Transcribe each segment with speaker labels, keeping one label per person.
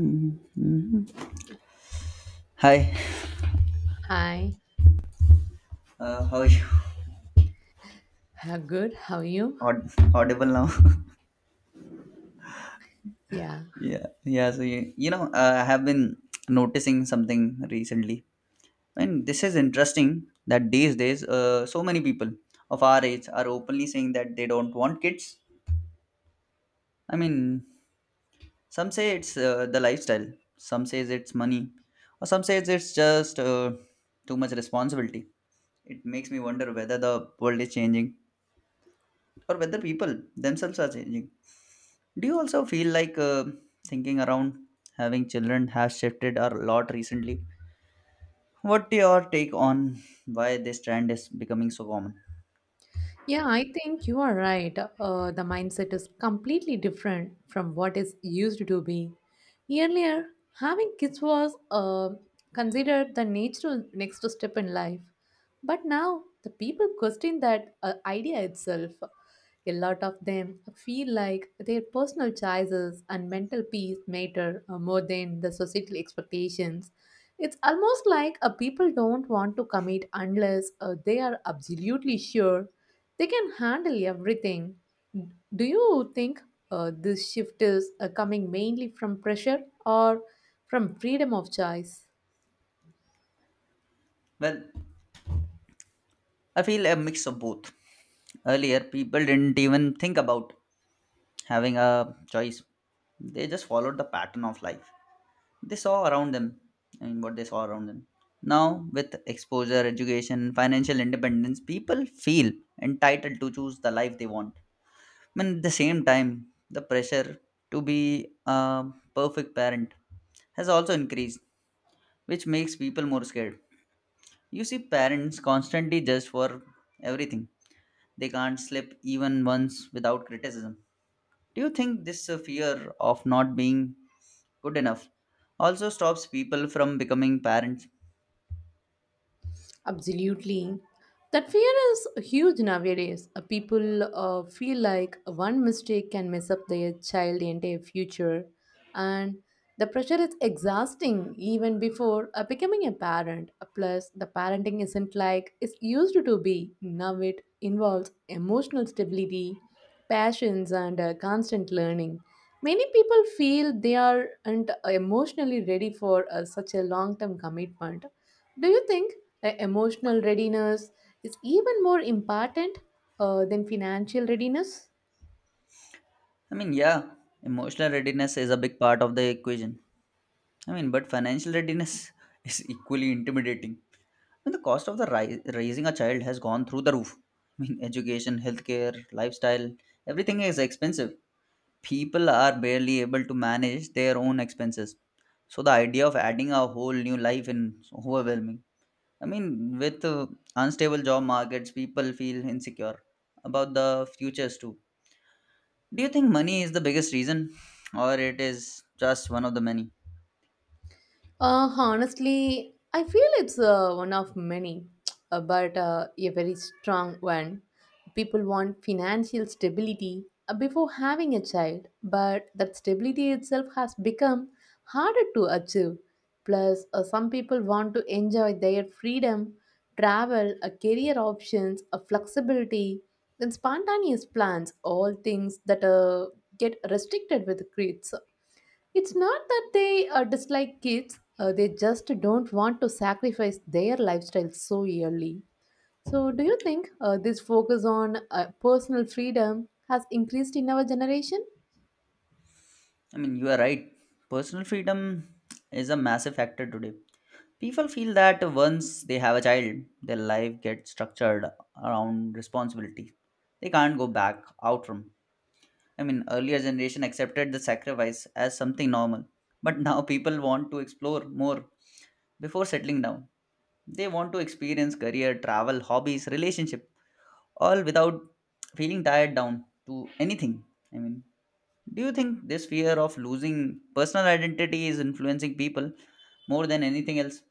Speaker 1: Mhm. Hi,
Speaker 2: Hi,
Speaker 1: how are you?
Speaker 2: Good. How are you?
Speaker 1: Aud- Audible now?
Speaker 2: Yeah.
Speaker 1: Yeah, yeah. So I have been noticing something recently, and this is interesting that these days, so many people of our age are openly saying that they don't want kids. I mean, some say it's the lifestyle, some says it's money, or some says it's just too much responsibility. It makes me wonder whether the world is changing or whether people themselves are changing. Do you also feel like thinking around having children has shifted a lot recently? What your take on why this trend is becoming so common?
Speaker 2: Yeah, I think you are right. The mindset is completely different from what is used to be. Earlier, having kids was considered the natural next step in life. But now, the people question that idea itself. A lot of them feel like their personal choices and mental peace matter more than the societal expectations. It's almost like a people don't want to commit unless they are absolutely sure they can handle everything. Do you think this shift is coming mainly from pressure or from freedom of choice?
Speaker 1: Well, I feel a mix of both. Earlier, people didn't even think about having a choice. They just followed the pattern of life. They saw around them and what they saw around them. Now, with exposure, education, financial independence, people feel entitled to choose the life they want. At the same time, the pressure to be a perfect parent has also increased, which makes people more scared. You see parents constantly judged for everything. They can't sleep even once without criticism. Do you think this fear of not being good enough also stops people from becoming parents?
Speaker 2: Absolutely. That fear is huge nowadays. People feel like one mistake can mess up their child entire future, and the pressure is exhausting even before becoming a parent. Plus, the parenting isn't like it's used to be. Now it involves emotional stability, passions, and constant learning. Many people feel they aren't emotionally ready for such a long term commitment. Do you think emotional readiness is even more important than financial readiness?
Speaker 1: Yeah, emotional readiness is a big part of the equation. I mean, but financial readiness is equally intimidating. And the cost of the raising a child has gone through the roof. I mean, education, healthcare, lifestyle, everything is expensive. People are barely able to manage their own expenses. So the idea of adding a whole new life is overwhelming. I mean, with unstable job markets, people feel insecure about the futures too. Do you think money is the biggest reason, or it is just one of the many?
Speaker 2: Honestly, I feel it's one of many, but a very strong one. People want financial stability before having a child, but that stability itself has become harder to achieve. Plus, some people want to enjoy their freedom, travel, career options, flexibility, then spontaneous plans, all things that get restricted with kids. It's not that they dislike kids, they just don't want to sacrifice their lifestyle so early. So, do you think this focus on personal freedom has increased in our generation?
Speaker 1: You are right. Personal freedom is a massive factor today. People feel that once they have a child, their life gets structured around responsibility. They can't go back out from. I mean, earlier generation accepted the sacrifice as something normal, but now people want to explore more before settling down. They want to experience career, travel, hobbies, relationship, all without feeling tied down to anything. I mean, do you think this fear of losing personal identity is influencing people more than anything else?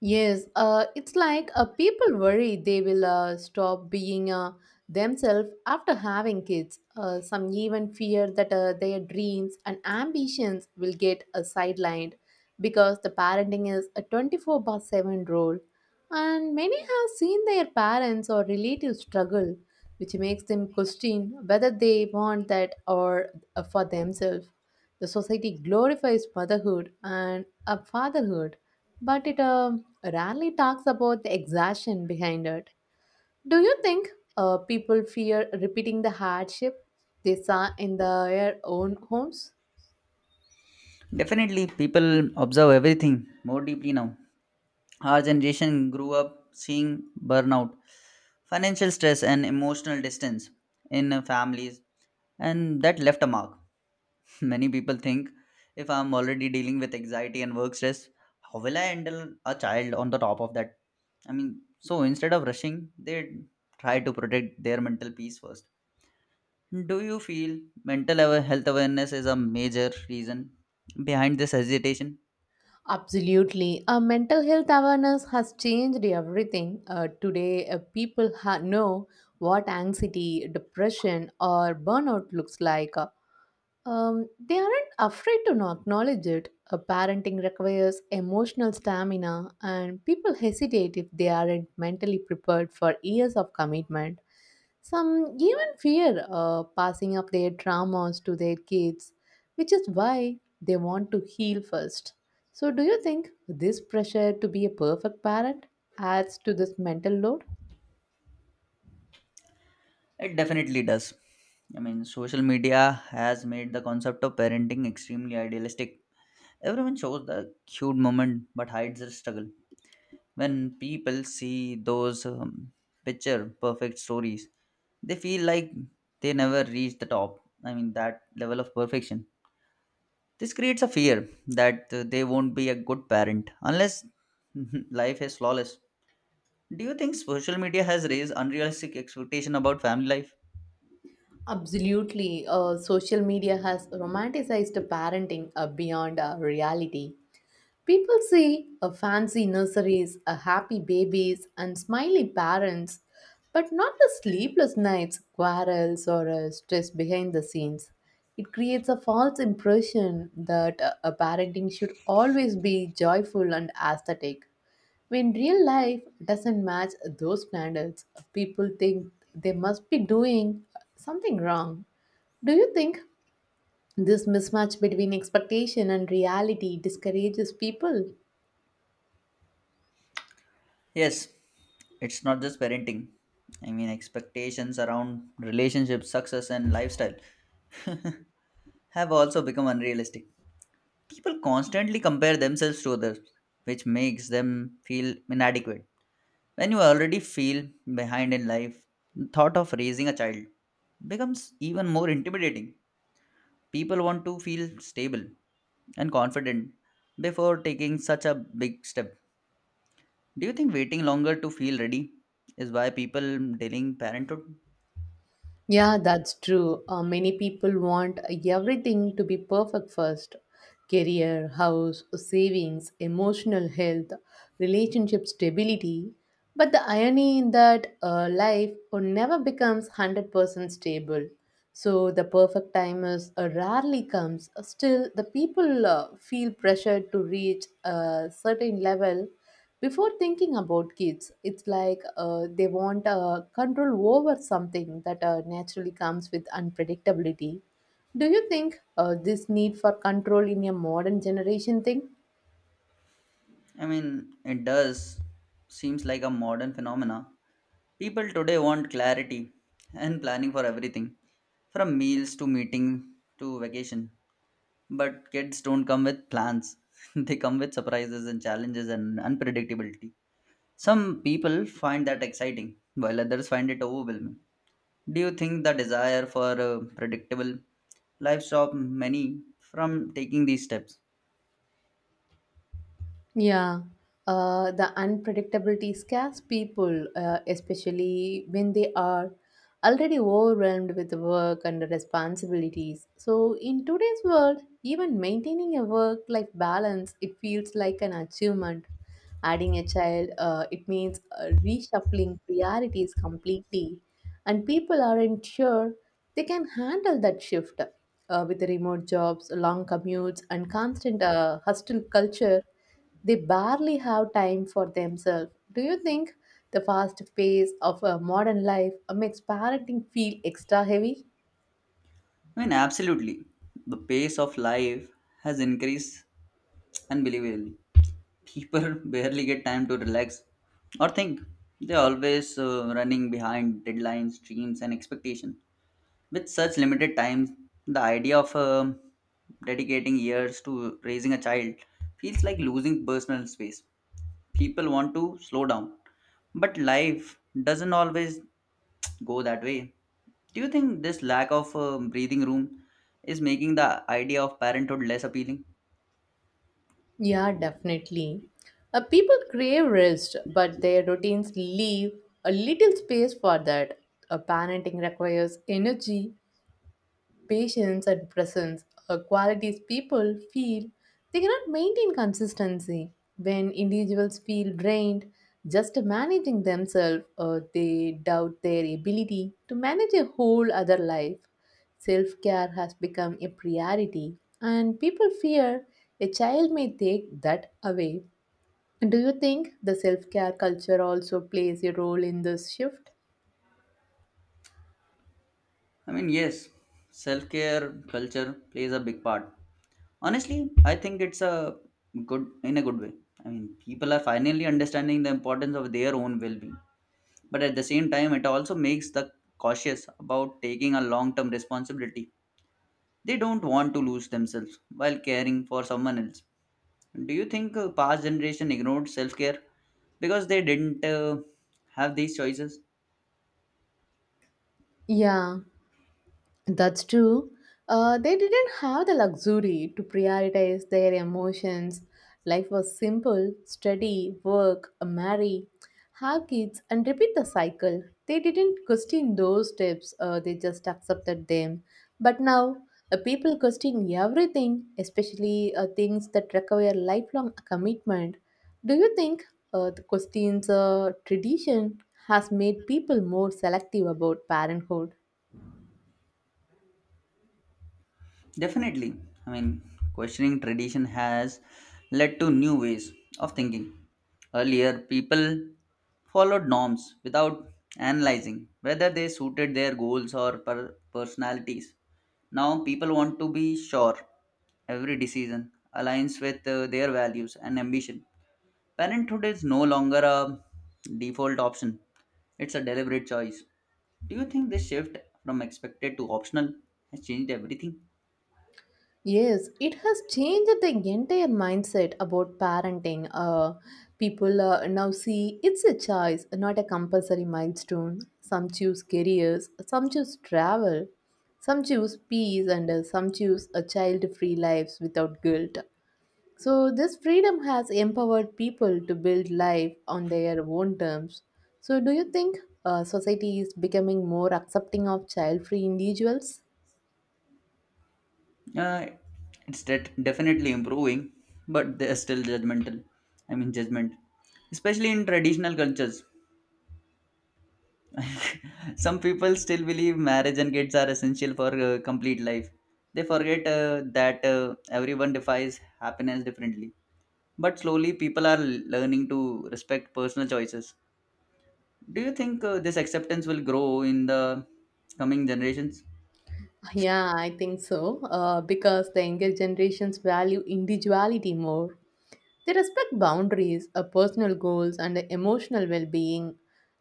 Speaker 2: Yes, it's like people worry they will stop being themselves after having kids. Some even fear that their dreams and ambitions will get sidelined because the parenting is a 24 by 7 role. And many have seen their parents or relatives struggle, which makes them question whether they want that or for themselves. The society glorifies motherhood and fatherhood but it rarely talks about the exhaustion behind it. Do you think people fear repeating the hardship they saw in their own homes?
Speaker 1: Definitely, people observe everything more deeply now. Our generation grew up seeing burnout, financial stress, and emotional distance in families, and that left a mark. Many people think if I'm already dealing with anxiety and work stress, how will I handle a child on the top of that? I mean, so instead of rushing, they try to protect their mental peace first. Do you feel mental health awareness is a major reason behind this hesitation?
Speaker 2: Absolutely. Mental health awareness has changed everything. Today, people know what anxiety, depression, or burnout looks like. They aren't afraid to not acknowledge it. A parenting requires emotional stamina, and people hesitate if they aren't mentally prepared for years of commitment. Some even fear passing of their traumas to their kids, which is why they want to heal first. So, do you think this pressure to be a perfect parent adds to this mental load?
Speaker 1: It definitely does. I mean, social media has made the concept of parenting extremely idealistic. Everyone shows the cute moment but hides the struggle. When people see those picture perfect stories, they feel like they never reach the top. I mean, that level of perfection. This creates a fear that they won't be a good parent unless life is flawless. Do you think social media has raised unrealistic expectation about family life?
Speaker 2: Absolutely. Social media has romanticized parenting beyond reality. People see a fancy nurseries, a happy babies, and smiley parents, but not the sleepless nights, quarrels, or stress behind the scenes. It creates a false impression that a parenting should always be joyful and aesthetic. When real life doesn't match those standards, people think they must be doing something wrong. Do you think this mismatch between expectation and reality discourages people?
Speaker 1: Yes, it's not just parenting. I mean, expectations around relationships, success, and lifestyle have also become unrealistic. People constantly compare themselves to others, which makes them feel inadequate. When you already feel behind in life, the thought of raising a child becomes even more intimidating. People want to feel stable and confident before taking such a big step. Do you think waiting longer to feel ready is why people delaying parenthood?
Speaker 2: Yeah, that's true. Many people want everything to be perfect first career, house, savings, emotional health, relationship stability. But the irony in that life never becomes 100% stable. So the perfect time is rarely comes. Still, the people feel pressured to reach a certain level before thinking about kids, it's like they want control over something that naturally comes with unpredictability. Do you think this need for control in a modern generation thing?
Speaker 1: It does seems like a modern phenomena. People today want clarity and planning for everything, from meals to meeting to vacation. But kids don't come with plans. They come with surprises and challenges and unpredictability. Some people find that exciting, while others find it overwhelming. Do you think the desire for a predictable life stops many from taking these steps?
Speaker 2: Yeah, the unpredictability scares people, especially when they are already overwhelmed with work and responsibilities. So, in today's world, even maintaining a work life balance, it feels like an achievement. Adding a child, it means reshuffling priorities completely, and people aren't sure they can handle that shift. With the remote jobs, long commutes, and constant hostile culture, they barely have time for themselves. Do you think the fast pace of a modern life makes parenting feel extra heavy?
Speaker 1: Absolutely. The pace of life has increased unbelievably. People barely get time to relax or think. They're always running behind deadlines, dreams, and expectations. With such limited time, the idea of dedicating years to raising a child feels like losing personal space. People want to slow down, but life doesn't always go that way. Do you think this lack of breathing room is making the idea of parenthood less appealing?
Speaker 2: Yeah, definitely. People crave rest, but their routines leave a little space for that. Parenting requires energy. Patience and presence are qualities people feel they cannot maintain consistency. When individuals feel drained just managing themselves, they doubt their ability to manage a whole other life. Self care has become a priority, and people fear a child may take that away. Do you think the self care culture also plays a role in this shift?
Speaker 1: Yes, self-care culture plays a big part. Honestly, I think it's a good in a good way. I mean, people are finally understanding the importance of their own well-being, but at the same time, it also makes the cautious about taking a long-term responsibility. They don't want to lose themselves while caring for someone else. Do you think past generation ignored self-care because they didn't have these choices?
Speaker 2: Yeah, that's true. They didn't have the luxury to prioritize their emotions. Life was simple study, work, marry, have kids, and repeat the cycle. They didn't question those steps, they just accepted them. But now, people question everything, especially things that require lifelong commitment. Do you think the questions tradition has made people more selective about parenthood?
Speaker 1: Definitely. I mean, questioning tradition has led to new ways of thinking. Earlier, people followed norms without analyzing whether they suited their goals or personalities. Now, people want to be sure every decision aligns with their values and ambition. Parenthood is no longer a default option, it's a deliberate choice. Do you think this shift from expected to optional has changed everything?
Speaker 2: Yes, it has changed the entire mindset about parenting. People now see it's a choice, not a compulsory milestone. Some choose careers, some choose travel, some choose peace, and some choose a child-free lives without guilt. So this freedom has empowered people to build life on their own terms. So do you think society is becoming more accepting of child-free individuals?
Speaker 1: Uh, it's definitely improving, but they're still judgmental. I mean, judgment, especially in traditional cultures. Some people still believe marriage and kids are essential for complete life. They forget that everyone defines happiness differently. But slowly, people are learning to respect personal choices. Do you think this acceptance will grow in the coming generations?
Speaker 2: Yeah, I think so. Because the younger generations value individuality more. They respect boundaries, personal goals, and emotional well being.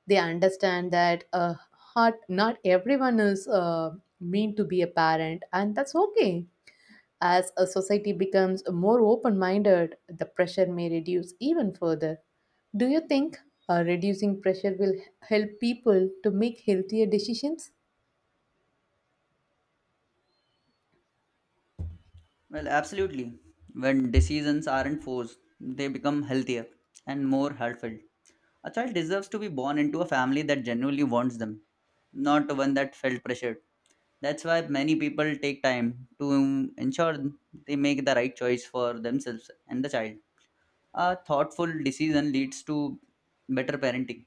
Speaker 2: They understand that not everyone is meant to be a parent, and that's okay. As a society becomes more open minded, the pressure may reduce even further. Do you think reducing pressure will help people to make healthier decisions?
Speaker 1: Well, absolutely. When decisions aren't forced, they become healthier and more heartfelt. A child deserves to be born into a family that genuinely wants them, not one that felt pressured. That's why many people take time to ensure they make the right choice for themselves and the child. A thoughtful decision leads to better parenting.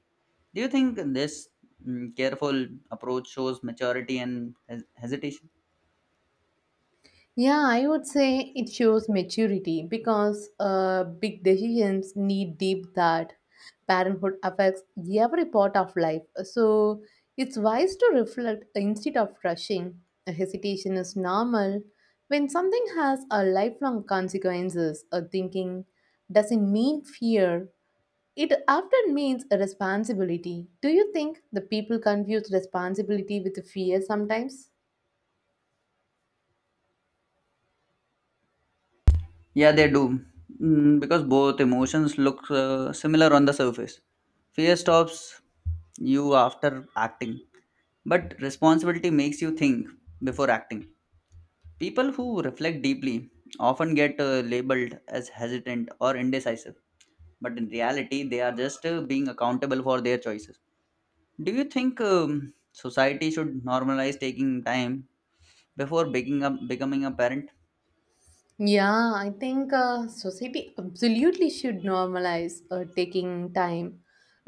Speaker 1: Do you think this careful approach shows maturity and hesitation?
Speaker 2: Yeah, I would say it shows maturity because big decisions need deep thought. Parenthood affects every part of life. So it's wise to reflect instead of rushing. Hesitation is normal. When something has a lifelong consequences, a thinking doesn't mean fear. It often means a responsibility. Do you think the people confuse responsibility with fear sometimes?
Speaker 1: Yeah, they do. Mm, because both emotions look similar on the surface. Fear stops you after acting, but responsibility makes you think before acting. People who reflect deeply often get labeled as hesitant or indecisive, but in reality, they are just being accountable for their choices. Do you think society should normalize taking time before becoming a parent?
Speaker 2: Yeah, I think society absolutely should normalize taking time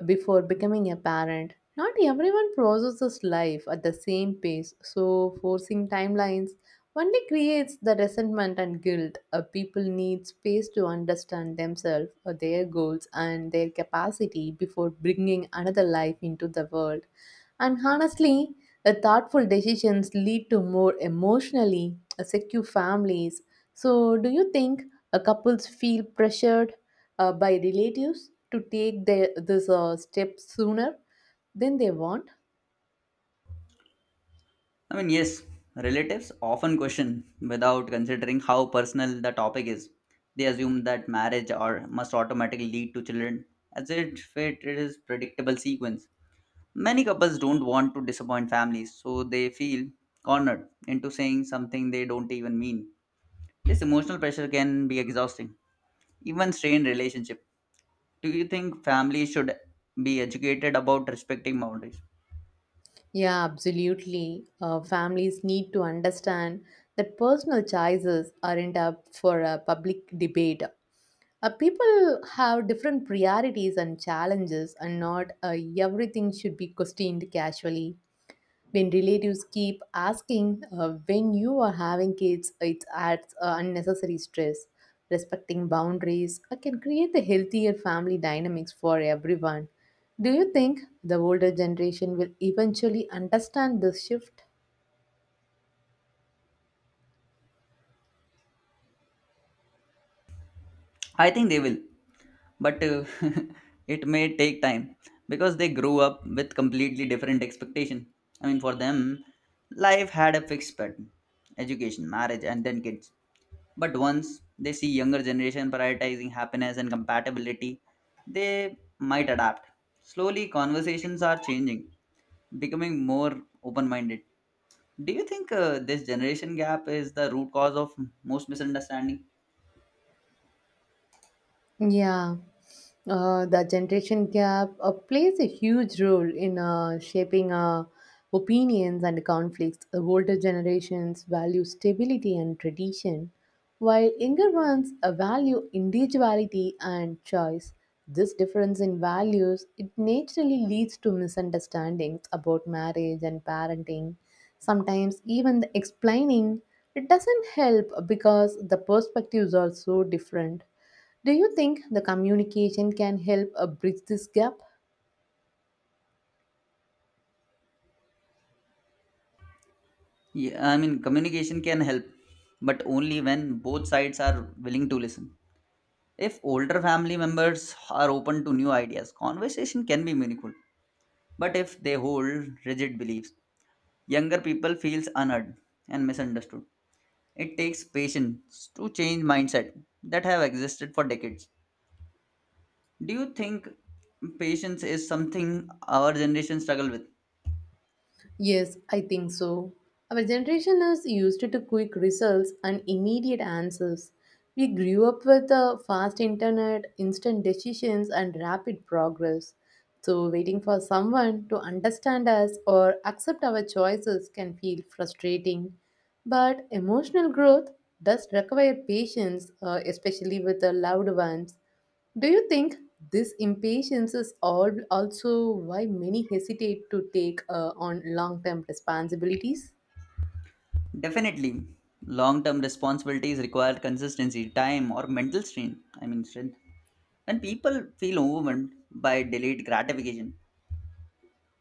Speaker 2: before becoming a parent. Not everyone processes life at the same pace, so forcing timelines only creates the resentment and guilt. People need space to understand themselves, their goals, and their capacity before bringing another life into the world. And honestly, the thoughtful decisions lead to more emotionally secure families. So, do you think couples feel pressured by relatives to take this step sooner than they want?
Speaker 1: Yes, relatives often question without considering how personal the topic is. They assume that marriage or must automatically lead to children, as if it is predictable sequence. Many couples don't want to disappoint families, so they feel cornered into saying something they don't even mean. This emotional pressure can be exhausting, even strained relationships. Do you think families should be educated about respecting boundaries?
Speaker 2: Yeah, absolutely. Families need to understand that personal choices aren't up for a public debate. People have different priorities and challenges, and not everything should be questioned casually. When relatives keep asking when you are having kids, it adds unnecessary stress. Respecting boundaries can create a healthier family dynamics for everyone. Do you think the older generation will eventually understand this shift?
Speaker 1: I think they will, but it may take time because they grew up with completely different expectation. I mean, for them life had a fixed pattern, education marriage and then kids. But once they see younger generation prioritizing happiness and compatibility, they might adapt. Slowly conversations are changing, becoming more open minded. Do you think this generation gap is the root cause of most misunderstanding?
Speaker 2: Yeah, the generation gap plays a huge role in shaping opinions and conflicts. The older generations value stability and tradition, while younger ones value individuality and choice. This difference in values it naturally leads to misunderstandings about marriage and parenting. Sometimes even the explaining it doesn't help because the perspectives are so different. Do you think the communication can help bridge this gap?
Speaker 1: Yeah, I mean, communication can help, but only when both sides are willing to listen. If older family members are open to new ideas, conversation can be meaningful. But if they hold rigid beliefs, younger people feels unheard and misunderstood. It takes patience to change mindset that have existed for decades. Do you think patience is something our generation struggle with?
Speaker 2: Yes, I think so. Our generation is used to quick results and immediate answers. We grew up with the fast internet, instant decisions, and rapid progress. So, waiting for someone to understand us or accept our choices can feel frustrating. But emotional growth does require patience, especially with the loved ones. Do you think this impatience is all also why many hesitate to take on long term responsibilities?
Speaker 1: Definitely, long term responsibilities require consistency, time, or mental strength. I mean, strength. When people feel overwhelmed by delayed gratification,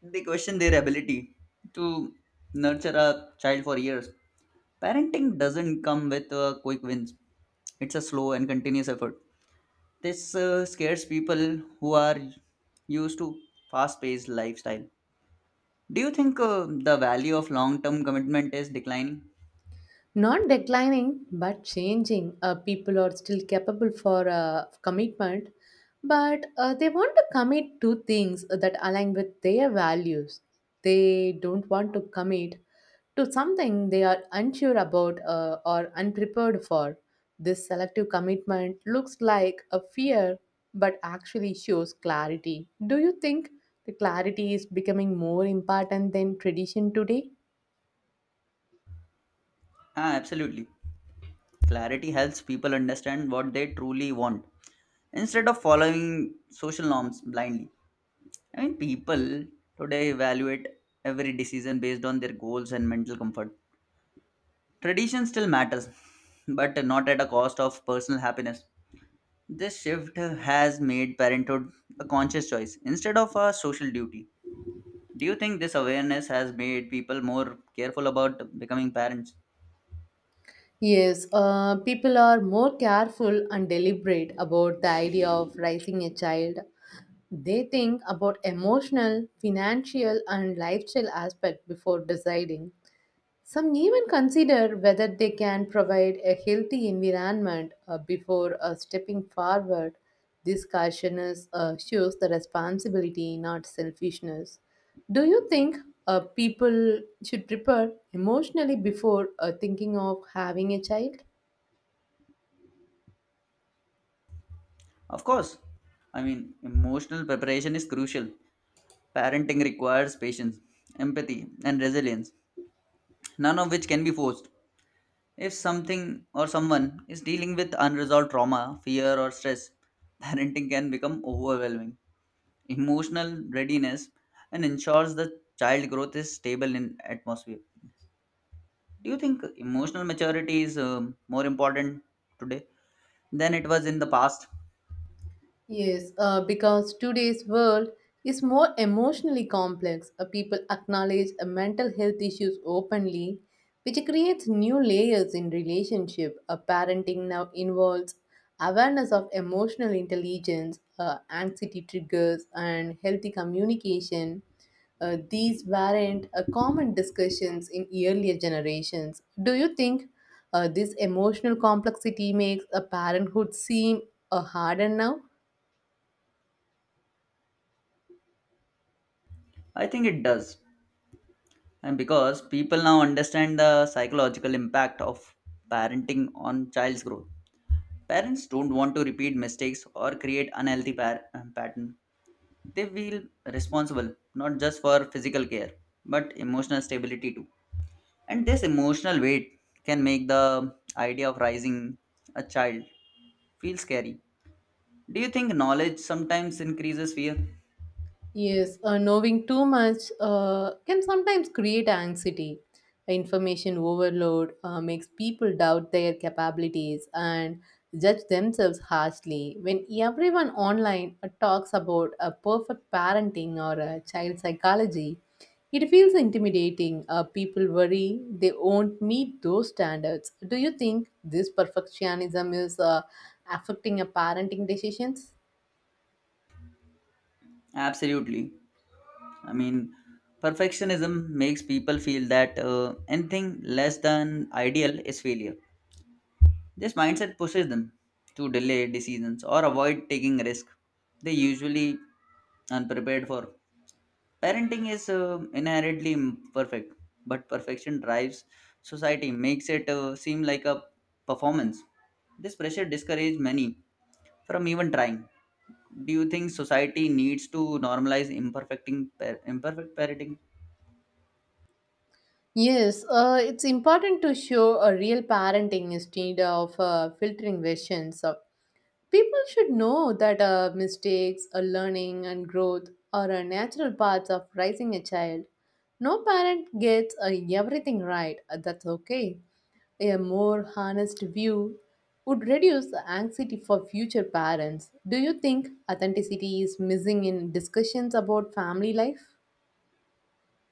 Speaker 1: they question their ability to nurture a child for years. Parenting doesn't come with quick wins, it's a slow and continuous effort. This scares people who are used to fast paced lifestyle. Do you think the value of long term commitment is declining?
Speaker 2: Not declining but changing. Uh, people are still capable for commitment but they want to commit to things that align with their values. They don't want to commit to something they are unsure about, or unprepared for. This selective commitment looks like a fear but actually shows clarity. Do you think the clarity is becoming more important than tradition today?
Speaker 1: Ah, absolutely. Clarity helps people understand what they truly want instead of following social norms blindly. I mean, people today evaluate every decision based on their goals and mental comfort. Tradition still matters, but not at a cost of personal happiness. This shift has made parenthood a conscious choice instead of a social duty. Do you think this awareness has made people more careful about becoming parents?
Speaker 2: Yes, people are more careful and deliberate about the idea of raising a child. They think about emotional, financial, and lifestyle aspect before deciding. Some even consider whether they can provide a healthy environment before stepping forward. This caution is, shows the responsibility, not selfishness. Do you think people should prepare emotionally before thinking of having a child?
Speaker 1: Of course. I mean, emotional preparation is crucial. Parenting requires patience, empathy, and resilience, none of which can be forced. If something or someone is dealing with unresolved trauma, fear, or stress, parenting can become overwhelming. Emotional readiness and ensures the child growth is stable in atmosphere. Do you think emotional maturity is more important today than it was in the past?
Speaker 2: Yes, because today's world is more emotionally complex. People acknowledge mental health issues openly, which creates new layers in relationship. Parenting now involves awareness of emotional intelligence, anxiety triggers, and healthy communication. These weren't common discussions in earlier generations. Do you think this emotional complexity makes a parenthood seem harder now?
Speaker 1: I think it does. And because people now understand the psychological impact of parenting on child's growth. Parents don't want to repeat mistakes or create unhealthy pattern. They feel responsible not just for physical care but emotional stability too. And this emotional weight can make the idea of raising a child feel scary. Do you think knowledge sometimes increases fear?
Speaker 2: Yes, knowing too much can sometimes create anxiety. Information overload makes people doubt their capabilities and judge themselves harshly. When everyone online talks about a perfect parenting or a child psychology, it feels intimidating. People worry they won't meet those standards. Do you think this perfectionism is affecting a parenting decisions?
Speaker 1: Absolutely. I mean, perfectionism makes people feel that anything less than ideal is failure. This mindset pushes them to delay decisions or avoid taking risk. They usually unprepared for. Parenting is inherently imperfect, but perfection drives society, makes it seem like a performance. This pressure discourages many from even trying. Do you think society needs to normalize imperfect parenting?
Speaker 2: Yes, it's important to show a real parenting instead of filtering versions. So people should know that mistakes, learning, and growth are a natural parts of raising a child. No parent gets everything right. That's okay. A more honest view would reduce the anxiety for future parents. Do you think authenticity is missing in discussions about family life?